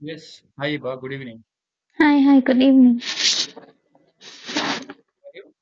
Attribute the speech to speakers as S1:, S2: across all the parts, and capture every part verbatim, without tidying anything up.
S1: Yes. Hi, Iba. Good evening.
S2: Hi, hi, good evening.
S1: How are you?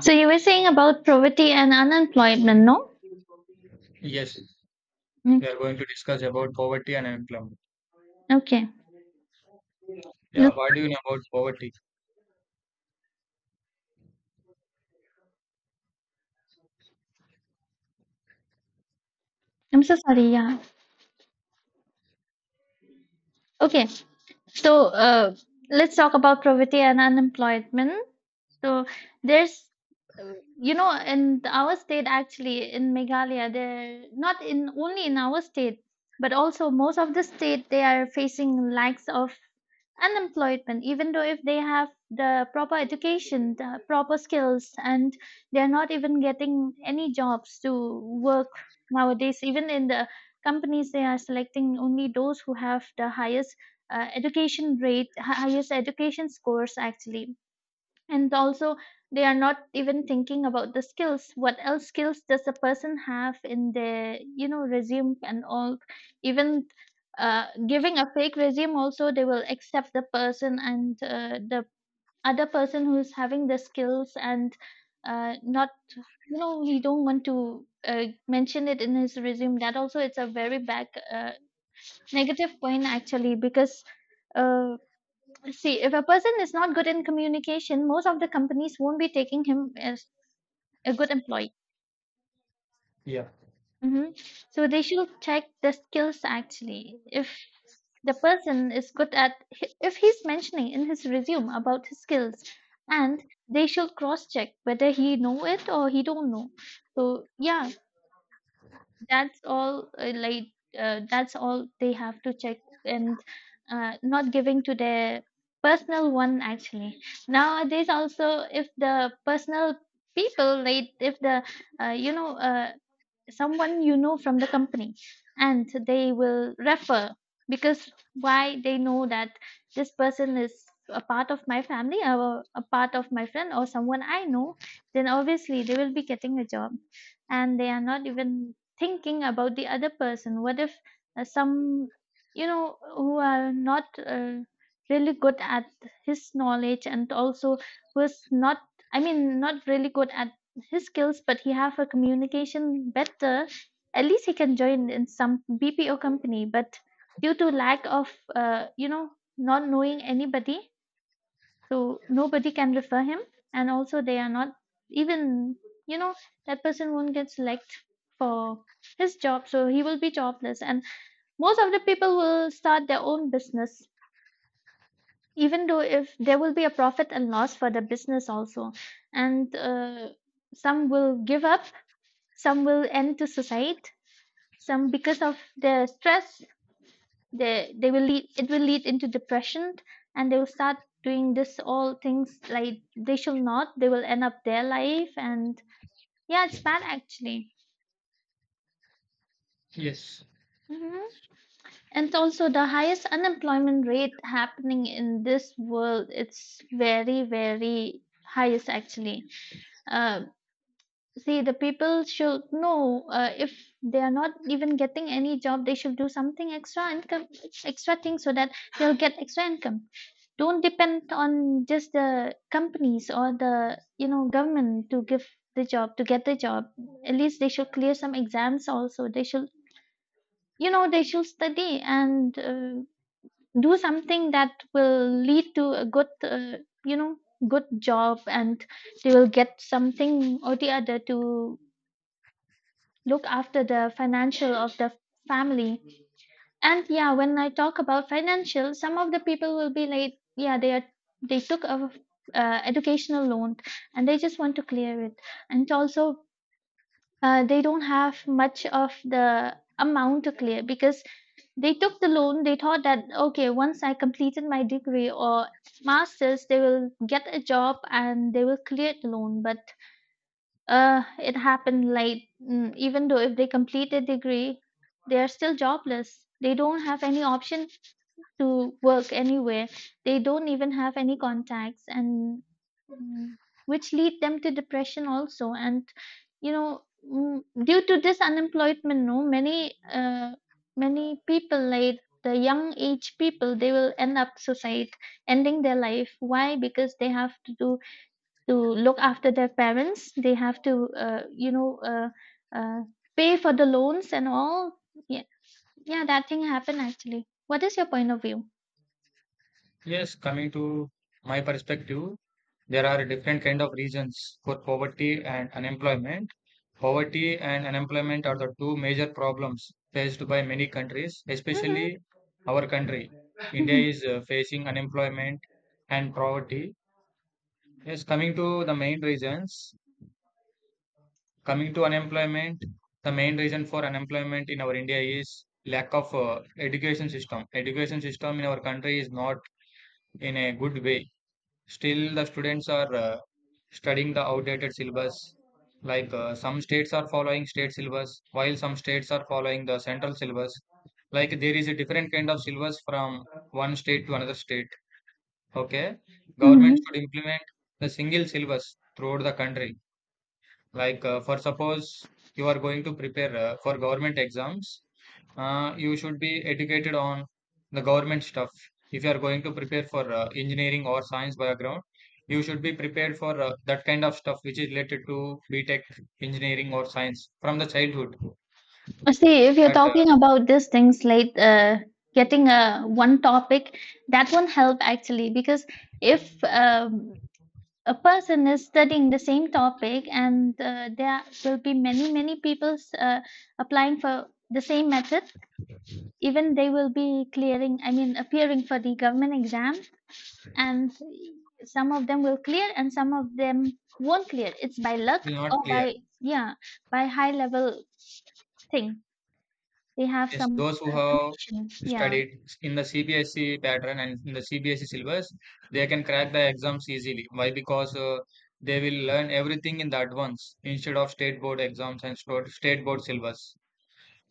S2: So you were saying about poverty and unemployment, no?
S1: Yes, we
S2: Okay.
S1: are going to discuss about poverty and unemployment.
S2: okay. You-
S1: Yeah, what do you know about poverty?
S2: I'm so sorry, yeah. Okay. So uh, let's talk about poverty and unemployment. So there's, uh, you know, in our state actually, in Meghalaya, they're not in only in our state, but also most of the state, they are facing lacks of unemployment, even though if they have the proper education, the proper skills, and they're not even getting any jobs to work nowadays. Even in the companies, they are selecting only those who have the highest uh, education rate, hi- highest education scores, actually and also they are not even thinking about the skills what else skills does a person have in their you know resume and all even uh, giving a fake resume also they will accept the person and uh, the other person who's having the skills and uh, not you know he don't want to uh, mention it in his resume that also it's a very bad uh, negative point actually because uh, see, if a person is not good in communication most of the companies won't be taking him as a good employee.
S1: Yeah.
S2: Hmm. So they should check the skills actually if the person is good at, if he's mentioning in his resume about his skills, and they should cross check whether he know it or he don't know. So yeah, that's all uh, like uh, that's all they have to check. And uh, not giving to their personal one actually. Nowadays also if the personal people like if the uh, you know uh, someone you know from the company and they will refer, because why they know that this person is a part of my family or a part of my friend or someone I know, then obviously they will be getting a job. And they are not even thinking about the other person, what if uh, some you know who are not uh, really good at his knowledge and also who's not, i mean not really good at his skills, but he have a communication better. At least he can join in some B P O company, but due to lack of uh, you know not knowing anybody, so nobody can refer him, and also they are not even, you know that person won't get select for his job, so he will be jobless. And most of the people will start their own business, even though if there will be a profit and loss for the business also, and uh, some will give up, some will end to suicide. Some, because of the stress, they they will lead. It will lead into depression, and they will start doing this all things like they shall not. They will end up their life, and yeah, it's bad actually.
S1: Yes.
S2: Hmm. And also, the highest unemployment rate happening in this world. It's very very highest actually. uh, See, the people should know uh, if they are not even getting any job, they should do something extra income, extra thing so that they'll get extra income. Don't depend on just the companies or the you know government to give the job, to get the job. At least they should clear some exams also. They should, you know they should study and uh, do something that will lead to a good uh, you know good job, and they will get something or the other to look after the financial of the family. And yeah, when I talk about financial, some of the people will be like, yeah, they are, they took a uh, educational loan and they just want to clear it. And also, uh, they don't have much of the amount to clear because they took the loan. They thought that okay, once I completed my degree or masters, they will get a job and they will clear the loan. But uh, it happened late. Mm, even though if they complete a degree, they are still jobless. They don't have any option to work anywhere. They don't even have any contacts, and mm, which lead them to depression also. And you know, mm, due to this unemployment, no, many uh, many people like the young age people they will end up suicide, ending their life, why, because they have to do, to look after their parents. They have to, uh, you know, uh, uh, pay for the loans and all. Yeah, yeah, that thing happened actually. What is your point of view?
S1: Yes, coming to my perspective, there are different kind of reasons for poverty and unemployment. Poverty and unemployment are the two major problems faced by many countries,
S2: Mm-hmm.
S1: especially our country. India is uh, facing unemployment and poverty. Yes, coming to the main reasons, coming to unemployment, the main reason for unemployment in our India is lack of uh, education system. Education system in our country is not in a good way. Still, the students are uh, studying the outdated syllabus. Like uh, some states are following state syllabus, while some states are following the central syllabus. Like there is a different kind of syllabus from one state to another state. Okay,
S2: Mm-hmm.
S1: government should implement the single syllabus throughout the country. Like uh, for suppose you are going to prepare uh, for government exams, uh, you should be educated on the government stuff. If you are going to prepare for uh, engineering or science background, you should be prepared for uh, that kind of stuff which is related to B tech engineering or science from the childhood.
S2: See, if you're
S1: But uh,
S2: talking about these things like uh, getting a one topic, that won't help actually because if um, a person is studying the same topic and uh, there will be many many people uh, applying for the same method, even they will be clearing, i mean appearing for the government exam, and some of them will clear and some of them won't clear. It's by
S1: it
S2: luck
S1: will not
S2: or
S1: clear.
S2: by, yeah, by high level thing, they have
S1: Yes,
S2: some
S1: those who
S2: uh,
S1: have
S2: connection, yeah.
S1: studied in the C B S E pattern and in the C B S E syllabus, they can crack the exams easily. Why? Because uh, they will learn everything in that once instead of state board exams and sto- state board syllabus.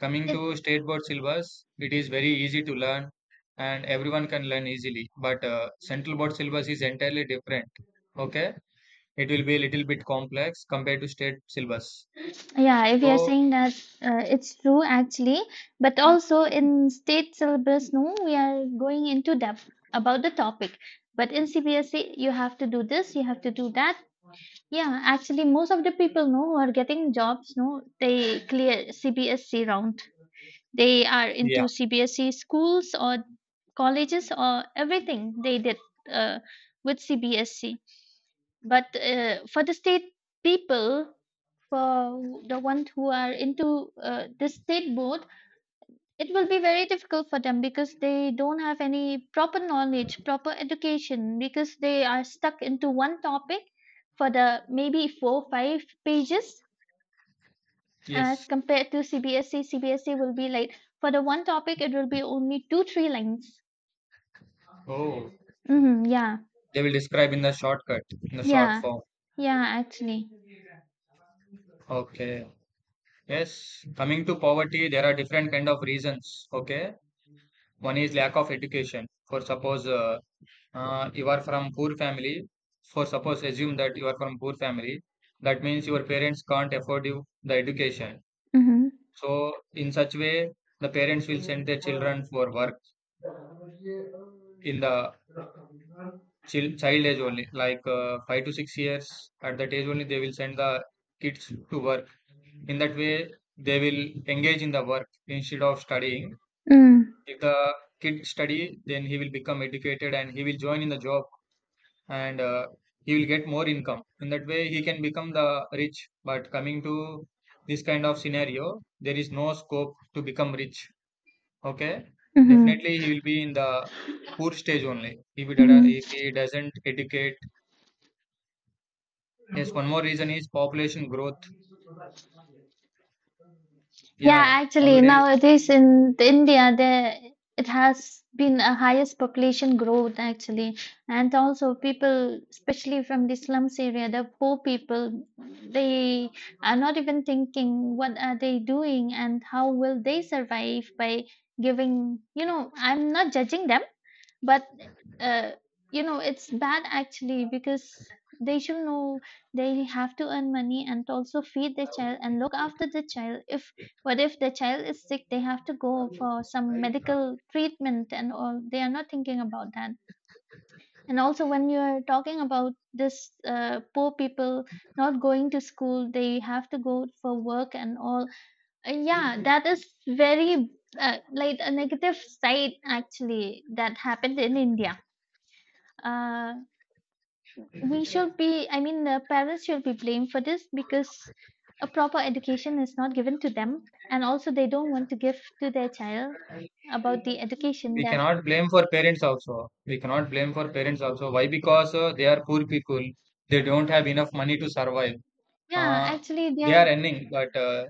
S1: Coming
S2: It's,
S1: to state board syllabus, it is very easy to learn and everyone can learn easily. But uh, central board syllabus is entirely different. Okay, it will be a little bit complex compared to state syllabus.
S2: yeah, if you're
S1: So
S2: saying that uh, it's true actually, but also in state syllabus, no, we are going into depth about the topic, but in C B S E, you have to do this, you have to do that. Yeah, actually, most of the people know who are getting jobs, no, they clear C B S C round. They are
S1: yeah,
S2: into C B S C schools or colleges or everything they did uh, with C B S C. But uh, for the state people, for the ones who are into uh, the state board, it will be very difficult for them because they don't have any proper knowledge, proper education, because they are stuck into one topic for the maybe four, five pages as
S1: yes.
S2: compared to C B S E. C B S E will be like for the one topic, it will be only two, three lines.
S1: Oh.
S2: Hmm. Yeah,
S1: They will describe in the shortcut, in the
S2: yeah,
S1: short form.
S2: yeah, actually.
S1: Okay. Yes. Coming to poverty, there are different kind of reasons. Okay. One is lack of education. For suppose uh, uh, you are from poor family. For suppose assume that you are from poor family. That means your parents can't afford you the education.
S2: Mm-hmm.
S1: So in such way, the parents will send their children for work in the chil- child age only, like uh, five to six years. At that age only, they will send the kids to work. In that way they will engage in the work instead of studying.
S2: Mm-hmm.
S1: If the kid study, then he will become educated and he will join in the job, and uh, he will get more income. In that way he can become the rich. But coming to this kind of scenario, there is no scope to become rich. Okay,
S2: Mm-hmm.
S1: definitely he will be in the poor stage only if he, dada- if
S2: Mm-hmm.
S1: he doesn't educate. Yes, one more reason is population growth.
S2: Yeah,
S1: Yeah,
S2: actually,
S1: nowadays
S2: nowadays in the India, there it has been a highest population growth actually, and also people, especially from the slums area, the poor people, they are not even thinking what are they doing and how will they survive by giving. You know, I'm not judging them, but uh, you know it's bad actually because they should know they have to earn money and also feed their child and look after the child. If, what if the child is sick, they have to go for some medical treatment and all, they are not thinking about that. And also when you are talking about this uh, poor people not going to school, they have to go for work and all. uh, yeah, that is very uh, like a negative side actually that happened in india. uh, we should be, i mean the parents should be blamed for this because a proper education is not given to them, and also they don't want to give to their child about the education,
S1: we
S2: that
S1: cannot blame for parents also. We cannot blame for parents also. Why? Because uh, they are poor people, they don't have enough money to survive.
S2: yeah,
S1: uh,
S2: actually
S1: they
S2: they.
S1: are earning, but uh,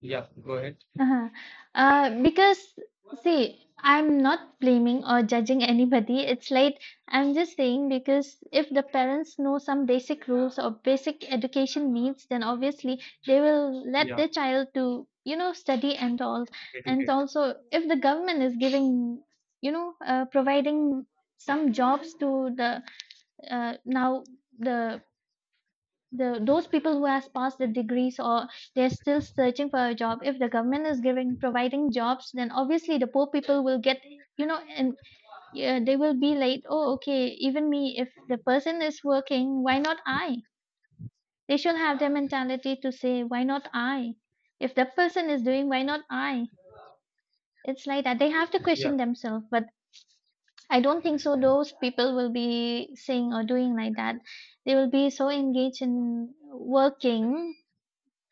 S1: yeah, go ahead.
S2: Uh-huh. Uh, because see, I'm not blaming or judging anybody. It's like, I'm just saying, because if the parents know some basic rules or basic education needs, then obviously they will let
S1: Yeah,
S2: their child to you know study and all. And
S1: educate.
S2: also, if the government is giving, you know uh, providing some jobs to the, uh, now, the the those people who has passed the degrees or they're still searching for a job, if the government is giving, providing jobs, then obviously the poor people will get, you know and yeah, they will be like, oh okay, even me, if the person is working, why not I. They should have the mentality to say why not I, if that person is doing, why not I. It's like that they have to
S1: Yeah.
S2: question themselves, but I don't think so those people will be saying or doing like that. They will be so engaged in working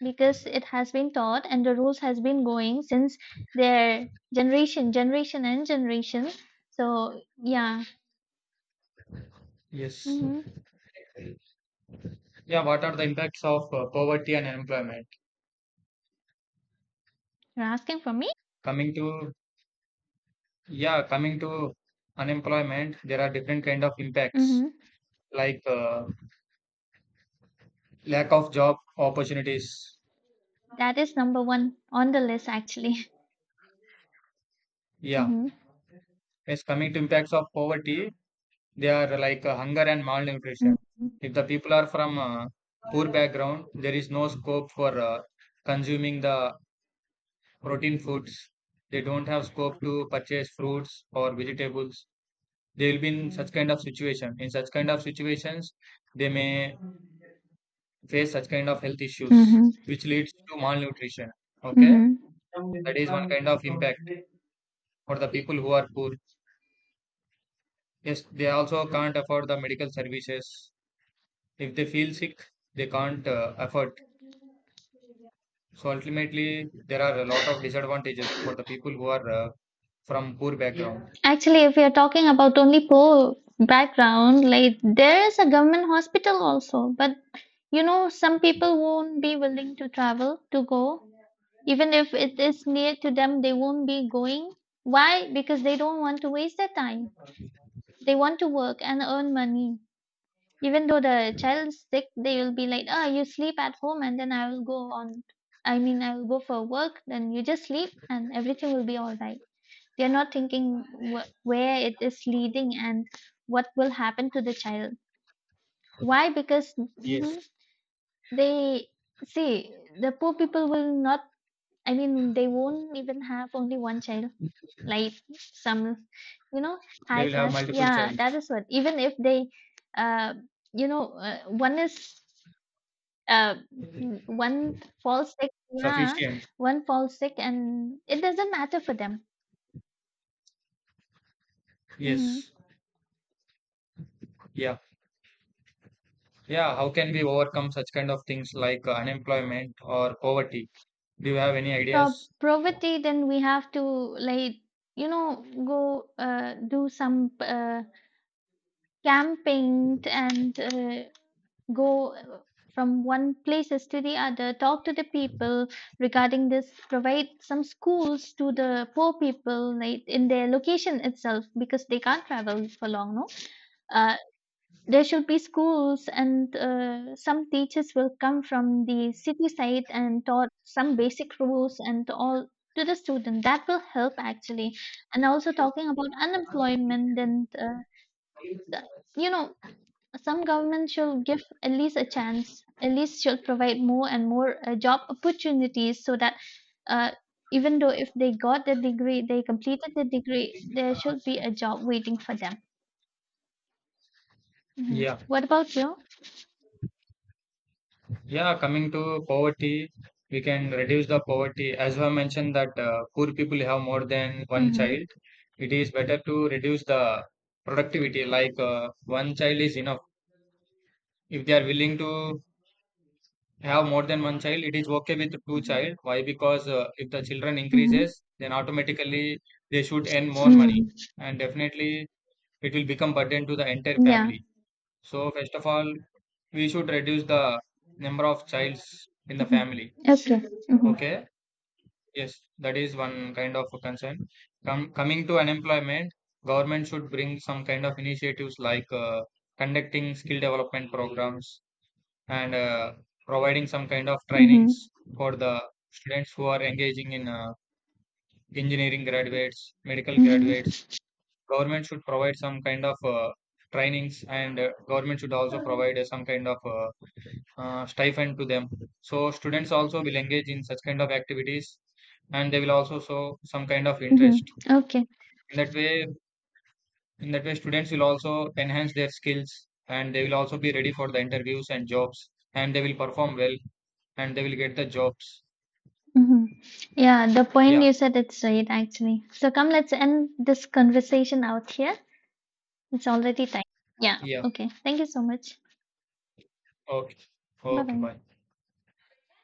S2: because it has been taught and the rules has been going since their generation generation and generation. So yeah.
S1: Yes.
S2: Hmm.
S1: Yeah, what are the impacts of uh, poverty and unemployment?
S2: You're asking for me.
S1: Coming to, yeah, coming to unemployment, there are different kind of impacts
S2: Hmm.
S1: like uh, lack of job opportunities.
S2: That is number one on the list actually.
S1: Yeah.
S2: Hmm.
S1: Yes, coming to impacts of poverty, they are like uh, hunger and malnutrition. If the people are from uh, poor background, there is no scope for uh, consuming the protein foods. They don't have scope to purchase fruits or vegetables. They will be in such kind of situation. In such kind of situations, they may face such kind of health issues,
S2: Hmm.
S1: which leads to malnutrition. Okay,
S2: Hmm.
S1: that is one kind of impact for the people who are poor. Yes, they also can't afford the medical services. If they feel sick, they can't uh, afford. So ultimately, there are a lot of disadvantages for the people who are uh, from poor background.
S2: Actually, if we are talking about only poor background, like there is a government hospital also, but you know, some people won't be willing to travel to go. Even if it is near to them, they won't be going. Why? Because they don't want to waste their time. They want to work and earn money. Even though the child is sick, they will be like, oh, you sleep at home and then I will go on. I mean, I will go for work, then you just sleep and everything will be all right. They're not thinking wh- where it is leading and what will happen to the child. Why? Because hmm,
S1: Yes,
S2: they, see, the poor people will not, I mean, they won't even have only one child, like some, you know,
S1: they
S2: high
S1: will have
S2: class.
S1: multiple
S2: Yeah, that
S1: childs.
S2: is what. Even if they, uh, you know, uh, one is, uh, n- one falls sick. Yeah,
S1: Sufficient.
S2: one falls sick, and it doesn't matter for them. Mm-hmm.
S1: Yes. Yeah, yeah. How can we overcome such kind of things like uh, unemployment or poverty? Do you have any
S2: So
S1: ideas?
S2: poverty, then we have to like you know go uh, do some uh, camping and uh, go uh, from one places to the other, talk to the people regarding this, provide some schools to the poor people like in their location itself because they can't travel for long, no? Uh, there should be schools, and uh, some teachers will come from the city side and taught some basic rules and all to the student. That will help actually. And also talking about unemployment and uh, s- you know some government should give at least a chance. At least should provide more and more uh, job opportunities so that uh, even though if they got the degree, they completed the degree, there should be a job waiting for them. Mhm.
S1: Yeah.
S2: What about you?
S1: Yeah, coming to poverty, we can reduce the poverty. As I mentioned that uh, poor people have more than one
S2: Hmm.
S1: child. It is better to reduce the productivity. Like uh, one child is enough. If they are willing to have more than one child, it is okay with two child. Why? Because uh, if the children
S2: Mhm.
S1: increases, then automatically they should earn more money,
S2: Mm.
S1: and definitely it will become burden to the entire
S2: Yeah.
S1: family. So first of all, we should reduce the number of childs in the
S2: Mhm.
S1: family.
S2: Okay. Mhm.
S1: Okay, yes, that is one kind of a concern. Com- coming to unemployment, government should bring some kind of initiatives like uh, conducting skill development programs and uh, providing some kind of
S2: Mhm.
S1: trainings for the students who are engaging in uh, engineering graduates, medical
S2: Mhm.
S1: graduates. Government should provide some kind of uh, trainings, and uh, government should also provide uh, some kind of uh, uh, stipend to them. So students also will engage in such kind of activities, and they will also show some kind of
S2: Mhm.
S1: interest.
S2: Okay.
S1: In that way, in that way, students will also enhance their skills, and they will also be ready for the interviews and jobs, and they will perform well and they will get the jobs.
S2: Mhm. Yeah, the point
S1: Yeah,
S2: you said it's right actually. So come, let's end this conversation out here. It's already time. Yeah.
S1: yeah.
S2: Okay. Thank you so much.
S1: Okay.
S2: Bye
S1: Okay,
S2: bye.
S1: bye.